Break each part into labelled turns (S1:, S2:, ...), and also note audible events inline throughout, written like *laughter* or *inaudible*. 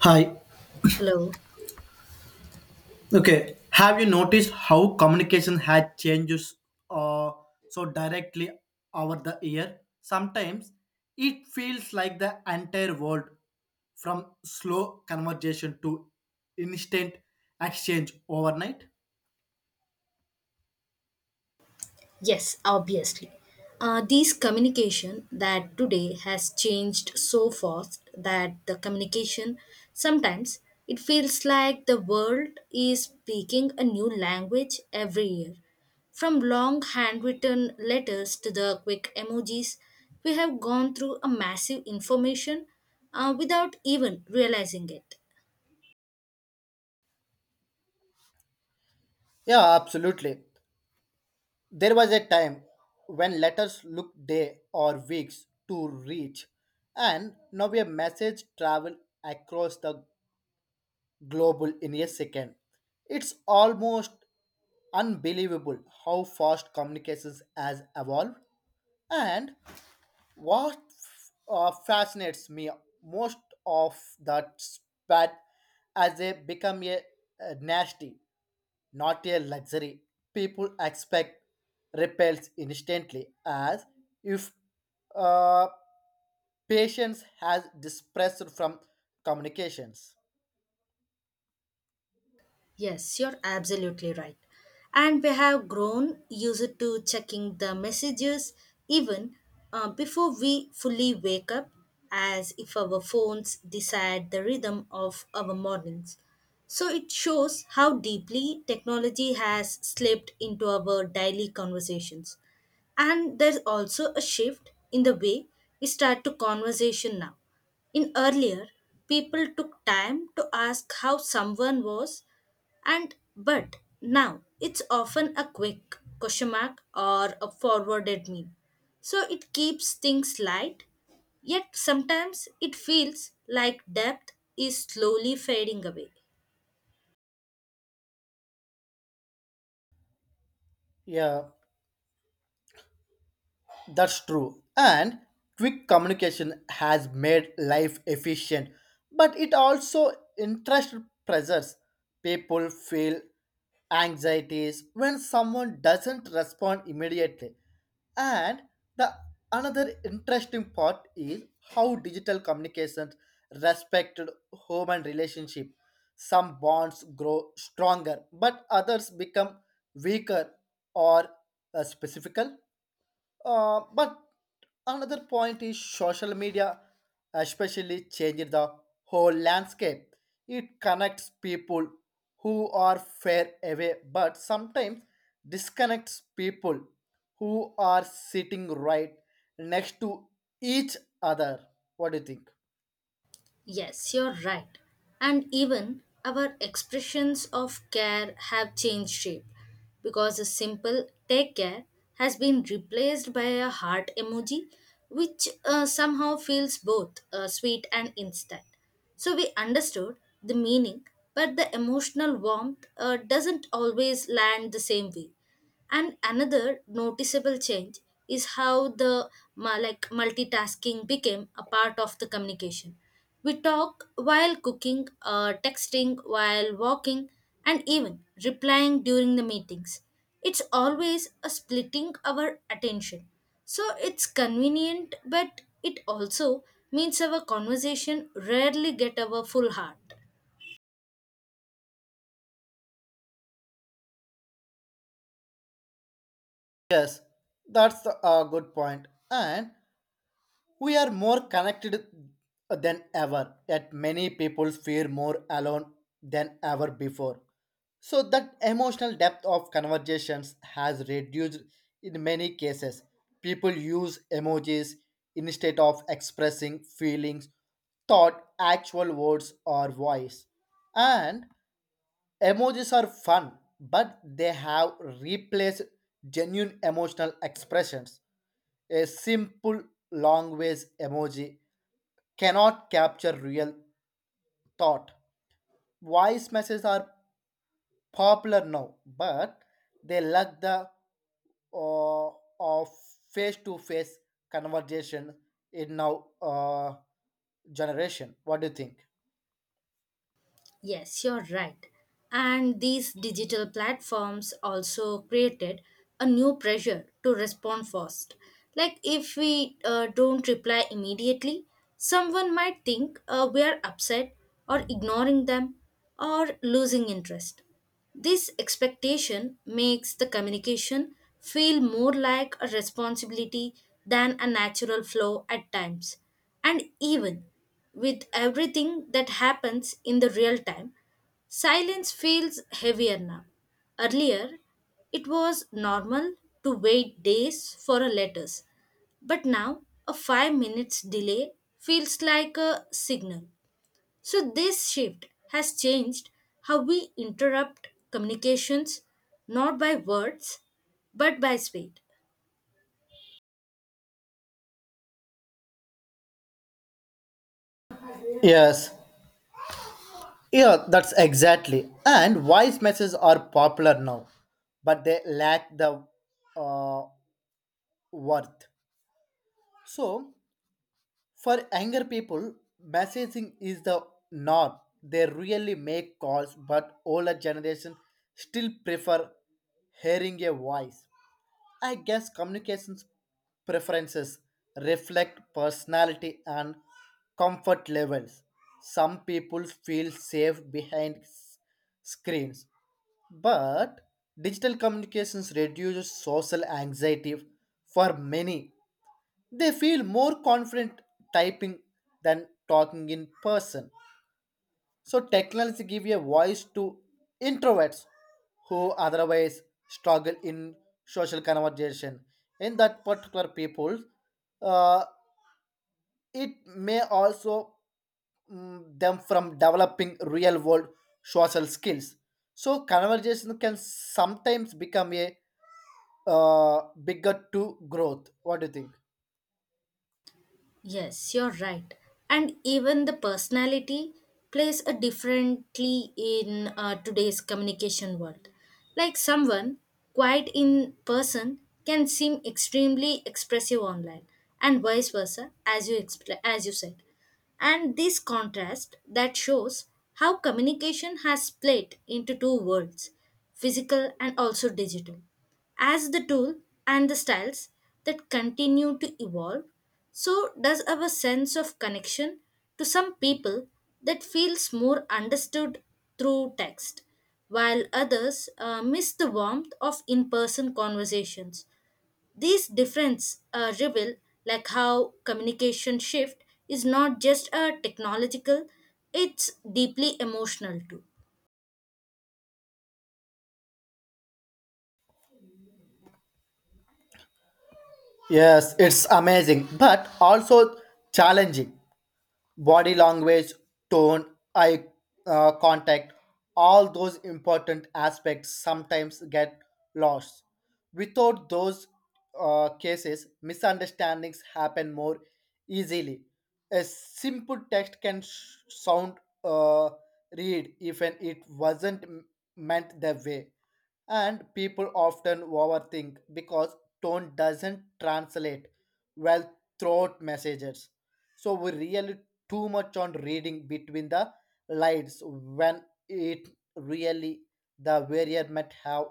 S1: Hi.
S2: Hello.
S1: Okay. Have you noticed how communication has changes uh, so directly over the year? Sometimes it feels like the entire world from slow conversation to instant exchange overnight.
S2: Yes, obviously. These communication that today has changed so fast that the communication sometimes it feels like the world is speaking a new language every year. From long handwritten letters to the quick emojis, we have gone through a massive information without even realizing it.
S1: Yeah, absolutely. There was a time when letters look day or weeks to reach, and now a message travel across the global in a second. It's almost unbelievable how fast communications has evolved. And what fascinates me most of that spat as they become a nasty, not a luxury. People expect repels instantly as if uh, patience has dispersed from communications.
S2: Yes, you're absolutely right. And we have grown used to checking the messages even before we fully wake up, as if our phones decide the rhythm of our mornings. So it shows how deeply technology has slipped into our daily conversations. And there's also a shift in the way we start to conversation now. In earlier, people took time to ask how someone was and but now it's often a quick question mark or a forwarded meme so it keeps things light yet sometimes it feels like depth is slowly fading away.
S1: Yeah, that's true. And quick communication has made life efficient, but it also interest pressures. People feel anxieties when someone doesn't respond immediately. And the another interesting part is how digital communications respected human relationship. Some bonds grow stronger, but others become weaker or specifical. But another point is social media, especially changing the whole landscape. It connects people who are far away, but sometimes disconnects people who are sitting right next to each other. What do you think?
S2: Yes, you're right. And even our expressions of care have changed shape because a simple take care has been replaced by a heart emoji, which somehow feels both sweet and instant. So we understood the meaning, but the emotional warmth doesn't always land the same way. And another noticeable change is how the like multitasking became a part of the communication. We talk while cooking, texting while walking, and even replying during the meetings. It's always a splitting our attention. So it's convenient, but it also means our conversation rarely get our full heart.
S1: Yes, that's the good point. And we are more connected than ever. Yet many people feel more alone than ever before. So that emotional depth of conversations has reduced in many cases. People use emojis instead of expressing feelings, thought, actual words or voice. And emojis are fun, but they have replaced genuine emotional expressions. A simple long ways emoji cannot capture real thought. Voice messages are popular now, but they lack the uh, of face-to-face conversation in now generation. What do you think?
S2: Yes, you're right. And these digital platforms also created a new pressure to respond fast. Like if we don't reply immediately, someone might think we are upset or ignoring them or losing interest. This expectation makes the communication feel more like a responsibility than a natural flow at times. And even with everything that happens in the real time, silence feels heavier now. Earlier, it was normal to wait days for a letters, but now a 5 minutes delay feels like a signal. So this shift has changed how we interrupt communications not by words but by speed.
S1: Yes. Yeah, that's exactly. And voice messages are popular now, but they lack the uh, worth. So for younger people, messaging is the norm. They really make calls, but older generation still prefer hearing a voice. I guess communications preferences reflect personality and comfort levels. Some people feel safe behind screens, but digital communications reduces social anxiety for many they feel more confident typing than talking in person. So technology give a voice to introverts who otherwise struggle in social conversation. In that particular people, uh, it may also mm, them from developing real world social skills. So conversation can sometimes become a bigger to growth. What do you think?
S2: Yes, you're right. And even the personality plays a differently in today's communication world. Like someone quiet in person can seem extremely expressive online, and vice versa, as you said. And this contrast that shows how communication has split into two worlds, physical and also digital as the tool and the styles that continue to evolve, so does our sense of connection to some people that feels more understood through text, while others miss the warmth of in-person conversations. These differences reveal like how communication shift is not just a technological, it's deeply emotional too.
S1: Yes, it's amazing, but also challenging body language, tone, eye contact, all those important aspects sometimes get lost. Without those cases, misunderstandings happen more easily. A simple text can sound uh, read even it wasn't meant that way. And people often overthink because tone doesn't translate well throughout messages so we really too much on reading between the lines when it really the variant might have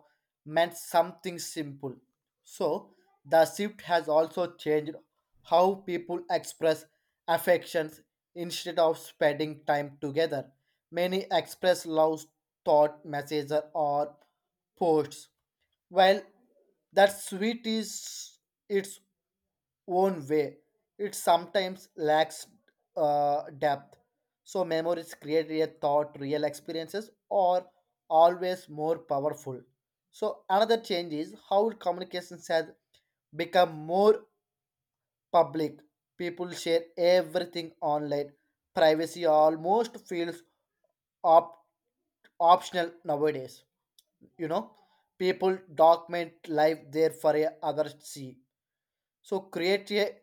S1: meant something simple so the shift has also changed how people express affections instead of spending time together many express love thought messages or posts while that sweet is its own way. It sometimes lacks depth. So memories created a thought, real experiences are always more powerful. So another change is how communications has become more public. People share everything online. Privacy almost feels op- optional nowadays. You know, people document life there for a other see. So create a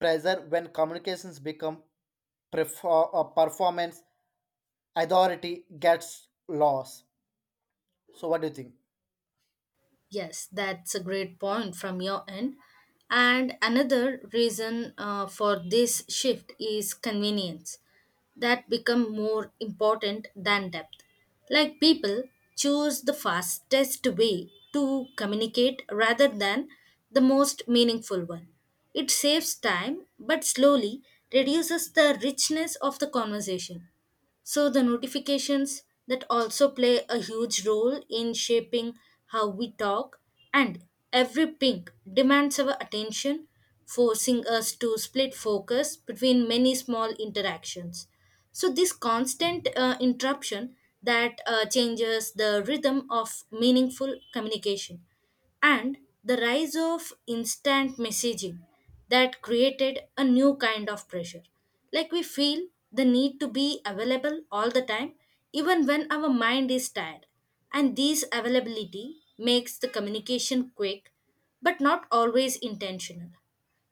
S1: pressure when communications become performance authority gets lost. So what do you think?
S2: Yes, that's a great point from your end. And another reason for this shift is convenience that become more important than depth. Like people choose the fastest way to communicate rather than the most meaningful one. It saves time but slowly reduces the richness of the conversation. So, the notifications that also play a huge role in shaping how we talk, and every ping demands our attention, forcing us to split focus between many small interactions. So, this constant interruption that changes the rhythm of meaningful communication and the rise of instant messaging that created a new kind of pressure. Like we feel the need to be available all the time, even when our mind is tired. And this availability makes the communication quick, but not always intentional.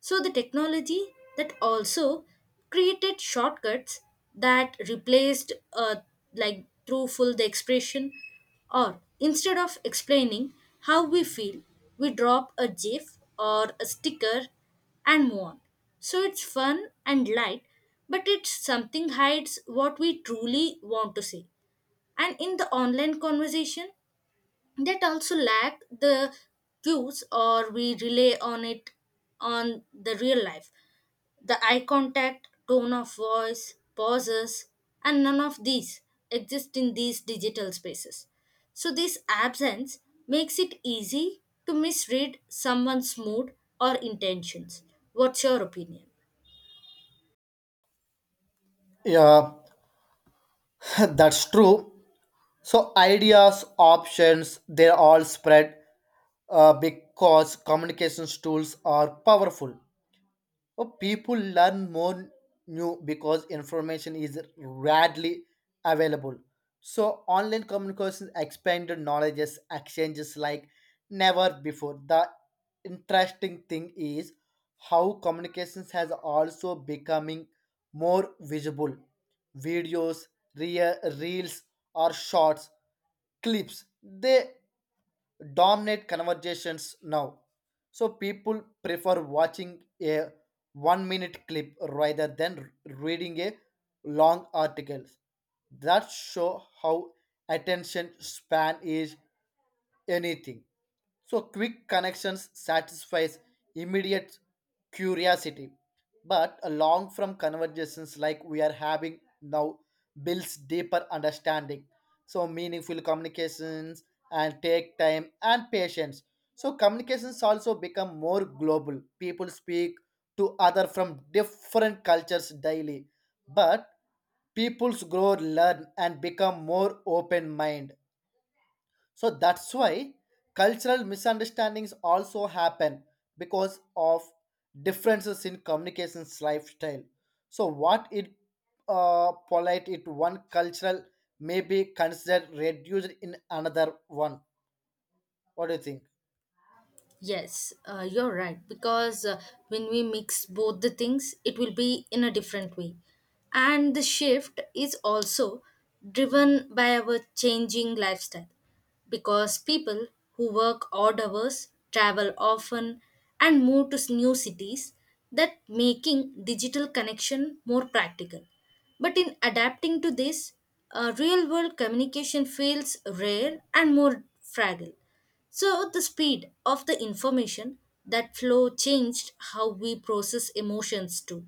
S2: So the technology that also created shortcuts that replaced like truthful the expression or instead of explaining how we feel, we drop a GIF or a sticker and move on. So it's fun and light, but it's something hides what we truly want to say. And in the online conversation, that also lack the cues or we rely on it on the real life the eye contact tone of voice pauses and none of these exist in these digital spaces so this absence makes it easy to misread someone's mood or intentions. What's your opinion?
S1: Yeah, *laughs* that's true. So ideas, options, they're all spread because communications tools are powerful. Oh, people learn more new because information is readily available. So online communication expanded knowledges exchanges like never before. The interesting thing is how communications has also becoming more visible. Videos, reels or shorts clips they dominate conversations now. So people prefer watching a 1-minute clip rather than reading a long article. That show how attention span is anything. So quick connections satisfies immediate curiosity. But along from conversations like we are having now builds deeper understanding so meaningful communications and take time and patience so communications also become more global people speak to other from different cultures daily but peoples grow learn and become more open mind so that's why cultural misunderstandings also happen because of differences in communications lifestyle. So what it polite it one cultural may be considered reduced in another one. What do you think?
S2: Yes, you're right. Because when we mix both the things, it will be in a different way. And the shift is also driven by our changing lifestyle. Because people who work odd hours, travel often, and move to new cities, that making digital connection more practical. But in adapting to this, real world communication feels rare and more fragile so, the speed of the information that flow changed how we process emotions too.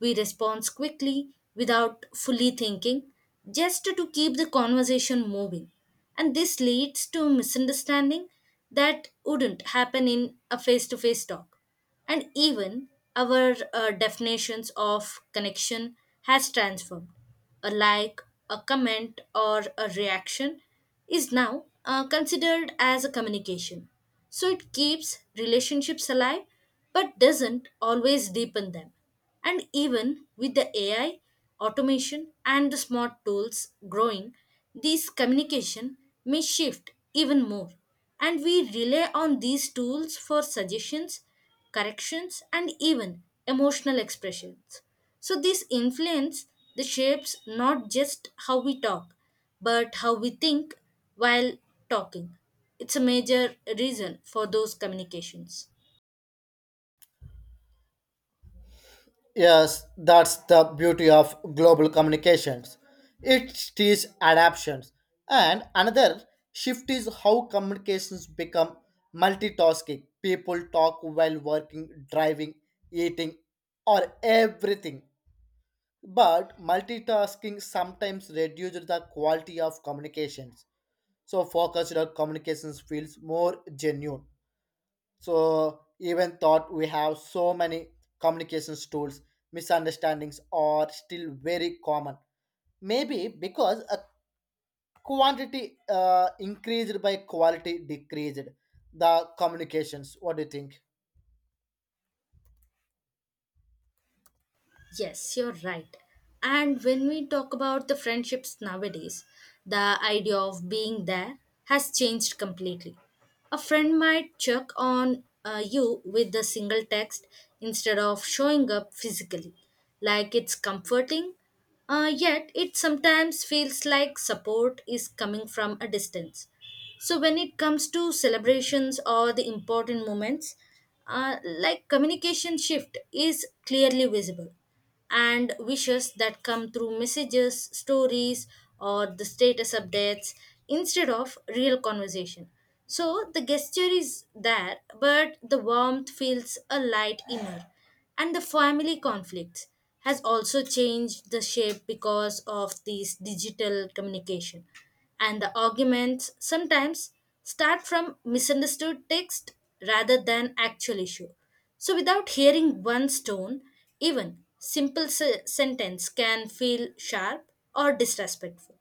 S2: We respond quickly without fully thinking, just to keep the conversation moving. And this leads to misunderstanding that wouldn't happen in a face to face talk. And even our definitions of connection has transformed. A like, a comment, or a reaction is now considered as a communication. So it keeps relationships alive but doesn't always deepen them. And even with the AI, automation, and the smart tools growing, these communication may shift even more. And we rely on these tools for suggestions, corrections, and even emotional expressions. So, this influence the shapes not just how we talk, but how we think while talking. It's a major reason for those communications.
S1: Yes, that's the beauty of global communications. It teaches adaptations. And another shift is how communications become multitasking. People talk while working, driving, eating, or everything. But multitasking sometimes reduces the quality of communications. So focused on communications feels more genuine. So even thought we have so many communications tools, misunderstandings are still very common. Maybe because a quantity increased by quality decreased the communications. What do you think?
S2: Yes, you're right. And when we talk about the friendships nowadays, the idea of being there has changed completely. A friend might check on you with a single text instead of showing up physically. Like it's comforting, yet it sometimes feels like support is coming from a distance. So when it comes to celebrations or the important moments, like communication shift is clearly visible and wishes that come through messages, stories, or the status updates instead of real conversation. So the gesture is there, but the warmth feels a light inner. And the family conflict has also changed the shape because of this digital communication. And the arguments sometimes start from misunderstood text rather than actual issue. So, without hearing one stone, even simple sentence can feel sharp or disrespectful.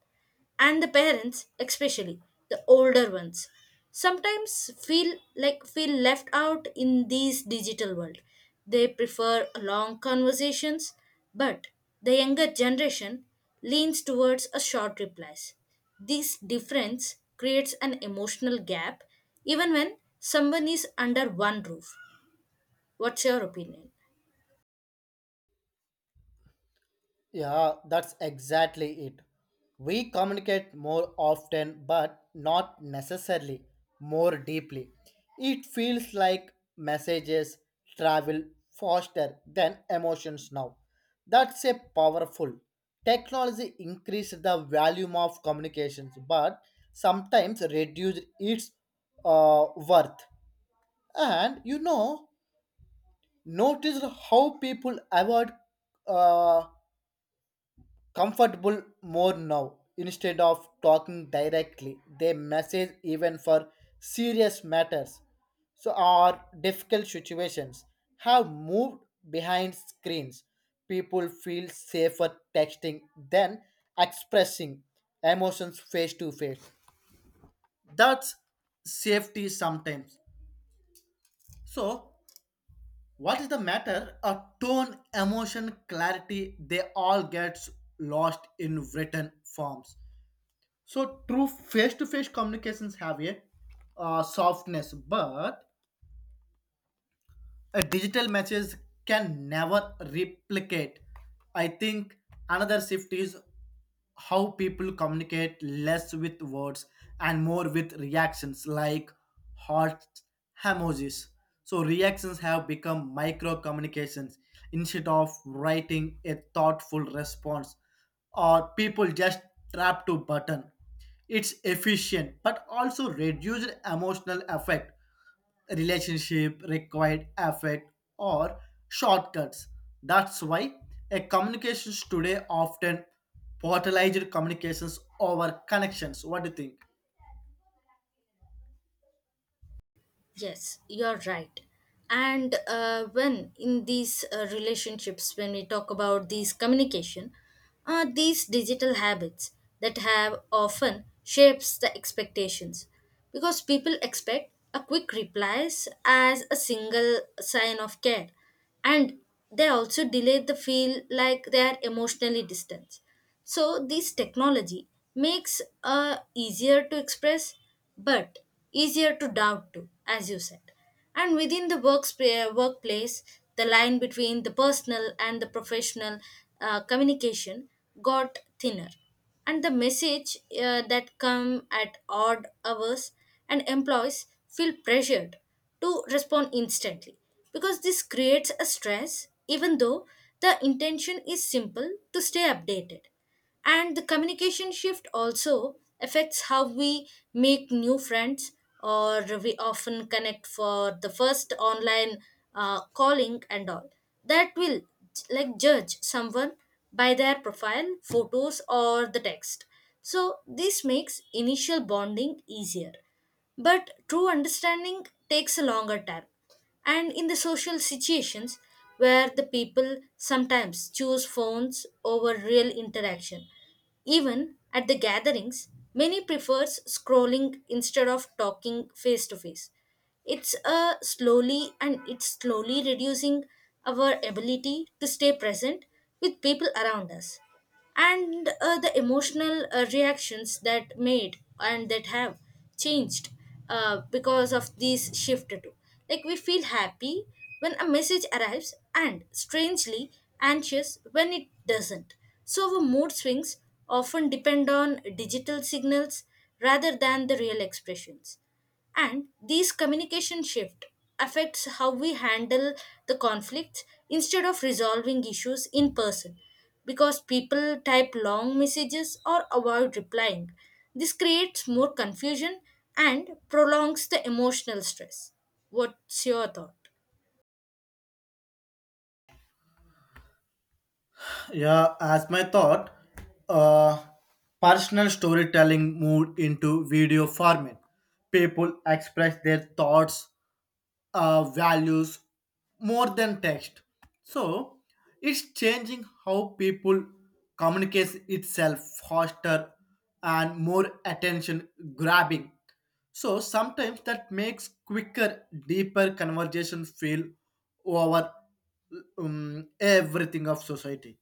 S2: And the parents, especially the older ones, sometimes feel like feel left out in this digital world. They prefer long conversations, but the younger generation leans towards a short replies. This difference creates an emotional gap even when someone is under one roof. What's your opinion?
S1: Yeah, that's exactly it. We communicate more often, but not necessarily more deeply. It feels like messages travel faster than emotions now. That's a powerful. Technology increased the volume of communications, but sometimes reduced its worth. And you know, noticed how people avoid uh, comfortable more now instead of talking directly they message even for serious matters so our difficult situations have moved behind screens people feel safer texting than expressing emotions face to face that's safety sometimes so what is the matter a tone emotion clarity they all gets lost in written forms. So true face-to-face communications have a softness, but a digital messages can never replicate. I think another shift is how people communicate less with words and more with reactions like hearts emojis so reactions have become micro communications instead of writing a thoughtful response or people just tap to button it's efficient but also reduced emotional effect relationship required effort or shortcuts. That's why a communications today often portalized communications over connections. What do you think?
S2: Yes, you're right. And when in these relationships, when we talk about these communication, these digital habits that have often shapes the expectations because people expect a quick replies as a single sign of care and they also delay the feel like they are emotionally distant so this technology makes uh, easier to express but easier to doubt too as you said and within the workspace, workplace the line between the personal and the professional communication got thinner and the message that come at odd hours and employees feel pressured to respond instantly because this creates a stress even though the intention is simple to stay updated and the communication shift also affects how we make new friends or we often connect for the first online calling and all that will like judge someone by their profile photos or the text so this makes initial bonding easier but true understanding takes a longer time. And in the social situations where the people sometimes choose phones over real interaction, even at the gatherings, many prefers scrolling instead of talking face to face it's a slowly and it's slowly reducing our ability to stay present with people around us and the emotional reactions that made and that have changed because of this shift too like we feel happy when a message arrives and strangely anxious when it doesn't so our mood swings often depend on digital signals rather than the real expressions and these communication shift affects how we handle the conflicts instead of resolving issues in person because people type long messages or avoid replying. This creates more confusion and prolongs the emotional stress. What's your thought?
S1: Yeah, as my thought, uh, personal storytelling moved into video format. People express their thoughts, values more than text. So it's changing how people communicates itself faster and more attention grabbing. So sometimes that makes quicker, deeper conversation feel over everything of society.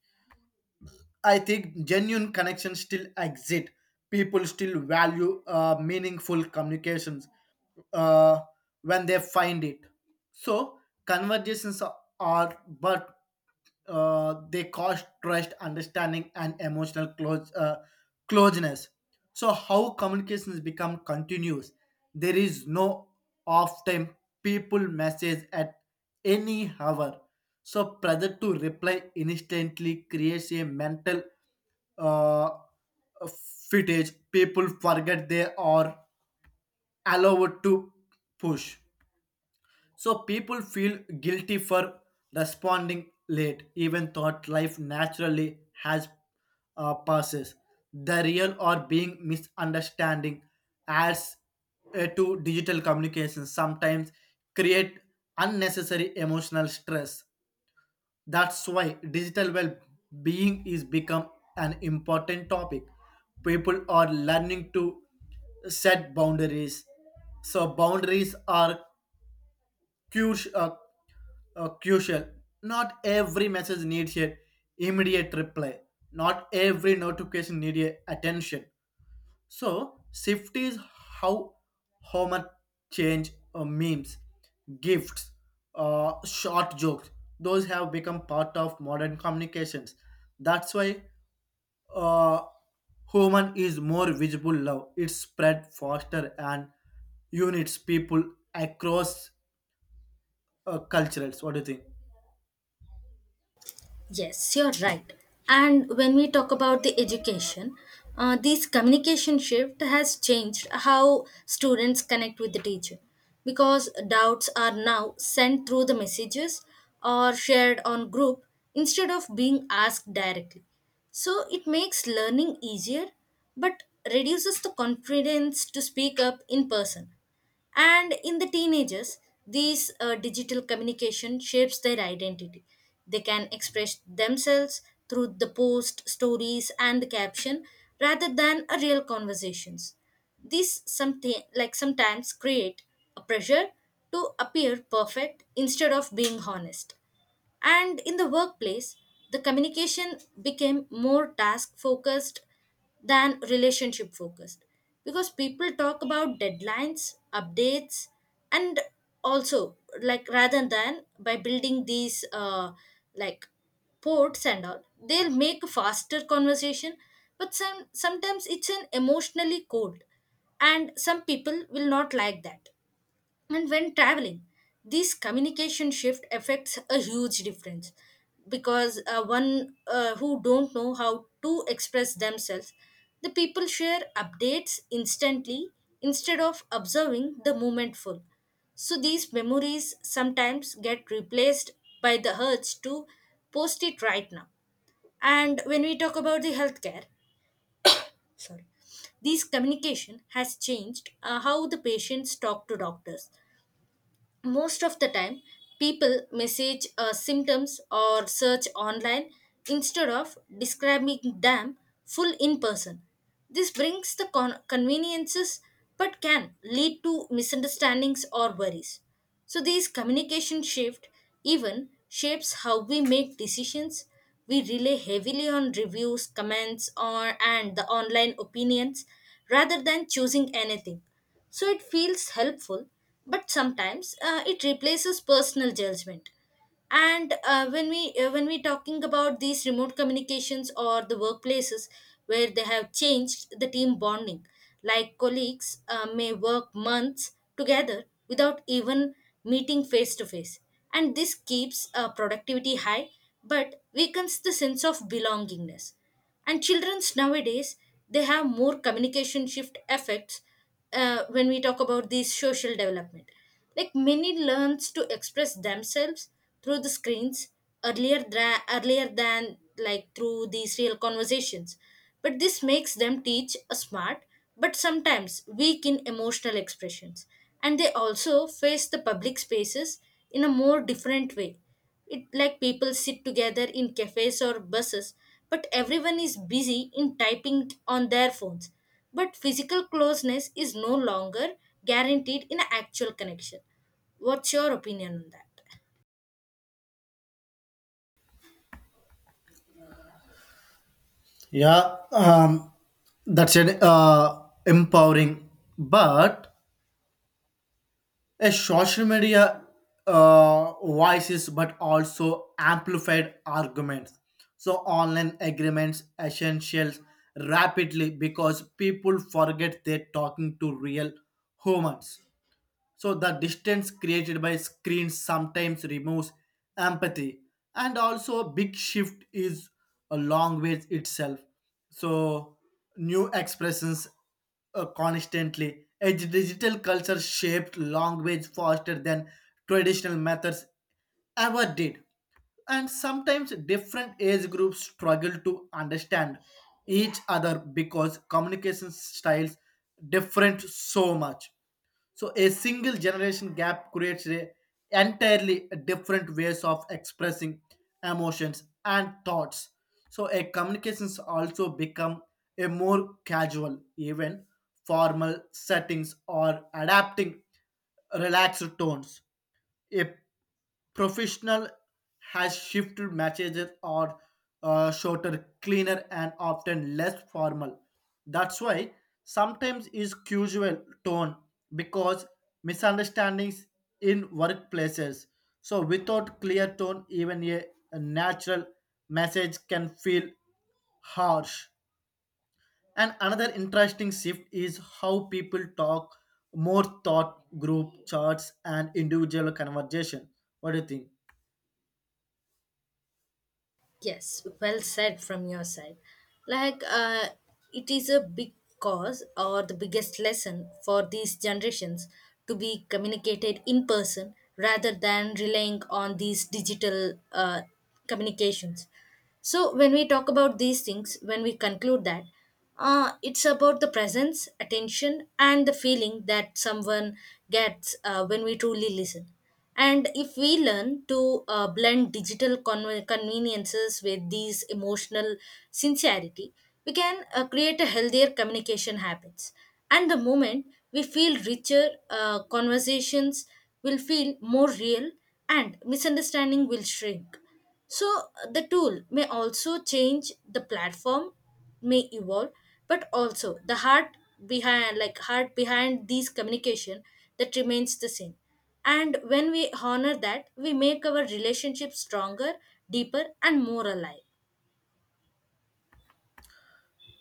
S1: I think genuine connections still exist. People still value meaningful communications uh, when they find it. So conversations are, but they cause trust, understanding, and emotional closeness. So how communications become continuous? There is no off time. People message at any hour so pressure to reply instantly creates a mental uh, footage. People forget they are allowed to push. So people feel guilty for responding late, even thought life naturally has passes. The real or being misunderstanding as to digital communication sometimes create unnecessary emotional stress that's why digital well-being is become an important topic. People are learning to set boundaries. So boundaries are crucial. Crucial. Not every message needs a immediate reply. Not every notification needs a attention. So shift is how how much change memes, gifts, short jokes. Those have become part of modern communications. That's why uh, human is more visible now. It's spread faster and units people across cultures. What do you think?
S2: Yes, you're right. And when we talk about the education, this communication shift has changed how students connect with the teacher because doubts are now sent through the messages or shared on group instead of being asked directly. So it makes learning easier but reduces the confidence to speak up in person and in the teenagers these digital communication shapes their identity they can express themselves through the post stories and the caption rather than a real conversations. This something like sometimes create a pressure to appear perfect instead of being honest and in the workplace, the communication became more task focused than relationship focused because people talk about deadlines, updates, and also like rather than by building these like ports and all, they'll make a faster conversation, but sometimes it's an emotionally cold, and some people will not like that and when traveling, this communication shift affects a huge difference because one who don't know how to express themselves, the people share updates instantly instead of observing the moment full. So these memories sometimes get replaced by the urge to post it right now. And when we talk about the healthcare, sorry, this communication has changed how the patients talk to doctors most of the time people message symptoms or search online instead of describing them full in person this brings the conveniences but can lead to misunderstandings or worries so these communication shift even shapes how we make decisions. We rely heavily on reviews, comments, or and the online opinions rather than choosing anything. So it feels helpful, but sometimes it replaces personal judgment and when we talking about these remote communications or the workplaces where they have changed the team bonding like colleagues may work months together without even meeting face to face and this keeps productivity high but weakens the sense of belongingness and children's nowadays they have more communication shift effects when we talk about these social development like many learns to express themselves through the screens earlier than like through these real conversations but this makes them teach a smart but sometimes weak in emotional expressions and they also face the public spaces in a more different way it like people sit together in cafes or buses, but everyone is busy in typing on their phones. But physical closeness is no longer guaranteed in actual connection. What's your opinion on that?
S1: Yeah, that's an empowering, but a social media voices but also amplified arguments so online agreements essentials rapidly because people forget they're talking to real humans so the distance created by screens sometimes removes empathy, and also a big shift is a long ways itself. So new expressions constantly. Edge digital culture shaped language faster than traditional methods ever did. And sometimes different age groups struggle to understand each other because communication styles different so much. So a single generation gap creates a entirely different ways of expressing emotions and thoughts. So a communications also become a more casual, even formal settings or adapting relaxed tones. A professional has shifted messages are shorter, cleaner, and often less formal. That's why sometimes is casual tone because misunderstandings in workplaces. So without clear tone, even a natural message can feel harsh. And another interesting shift is how people talk more thought group charts and individual conversation. What do you think?
S2: Yes, well said from your side. Like, it is a big cause or the biggest lesson for these generations to be communicated in person rather than relying on these digital communications. So, when we talk about these things, when we conclude that, it's about the presence, attention, and the feeling that someone gets when we truly listen. And if we learn to blend digital conveniences with these emotional sincerity, we can create a healthier communication habits. And the moment we feel richer, conversations will feel more real, and misunderstanding will shrink. So the tool may also change, the platform may evolve, but also the heart behind heart behind these communication that remains the same. And when we honor that, we make our relationship stronger, deeper and more alive.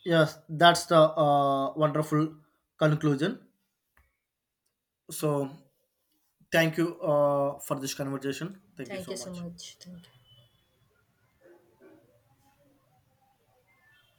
S1: Yes, that's the wonderful conclusion. So, thank you for this conversation. Thank you
S2: Thank
S1: so
S2: you so
S1: much.
S2: much. Thank you.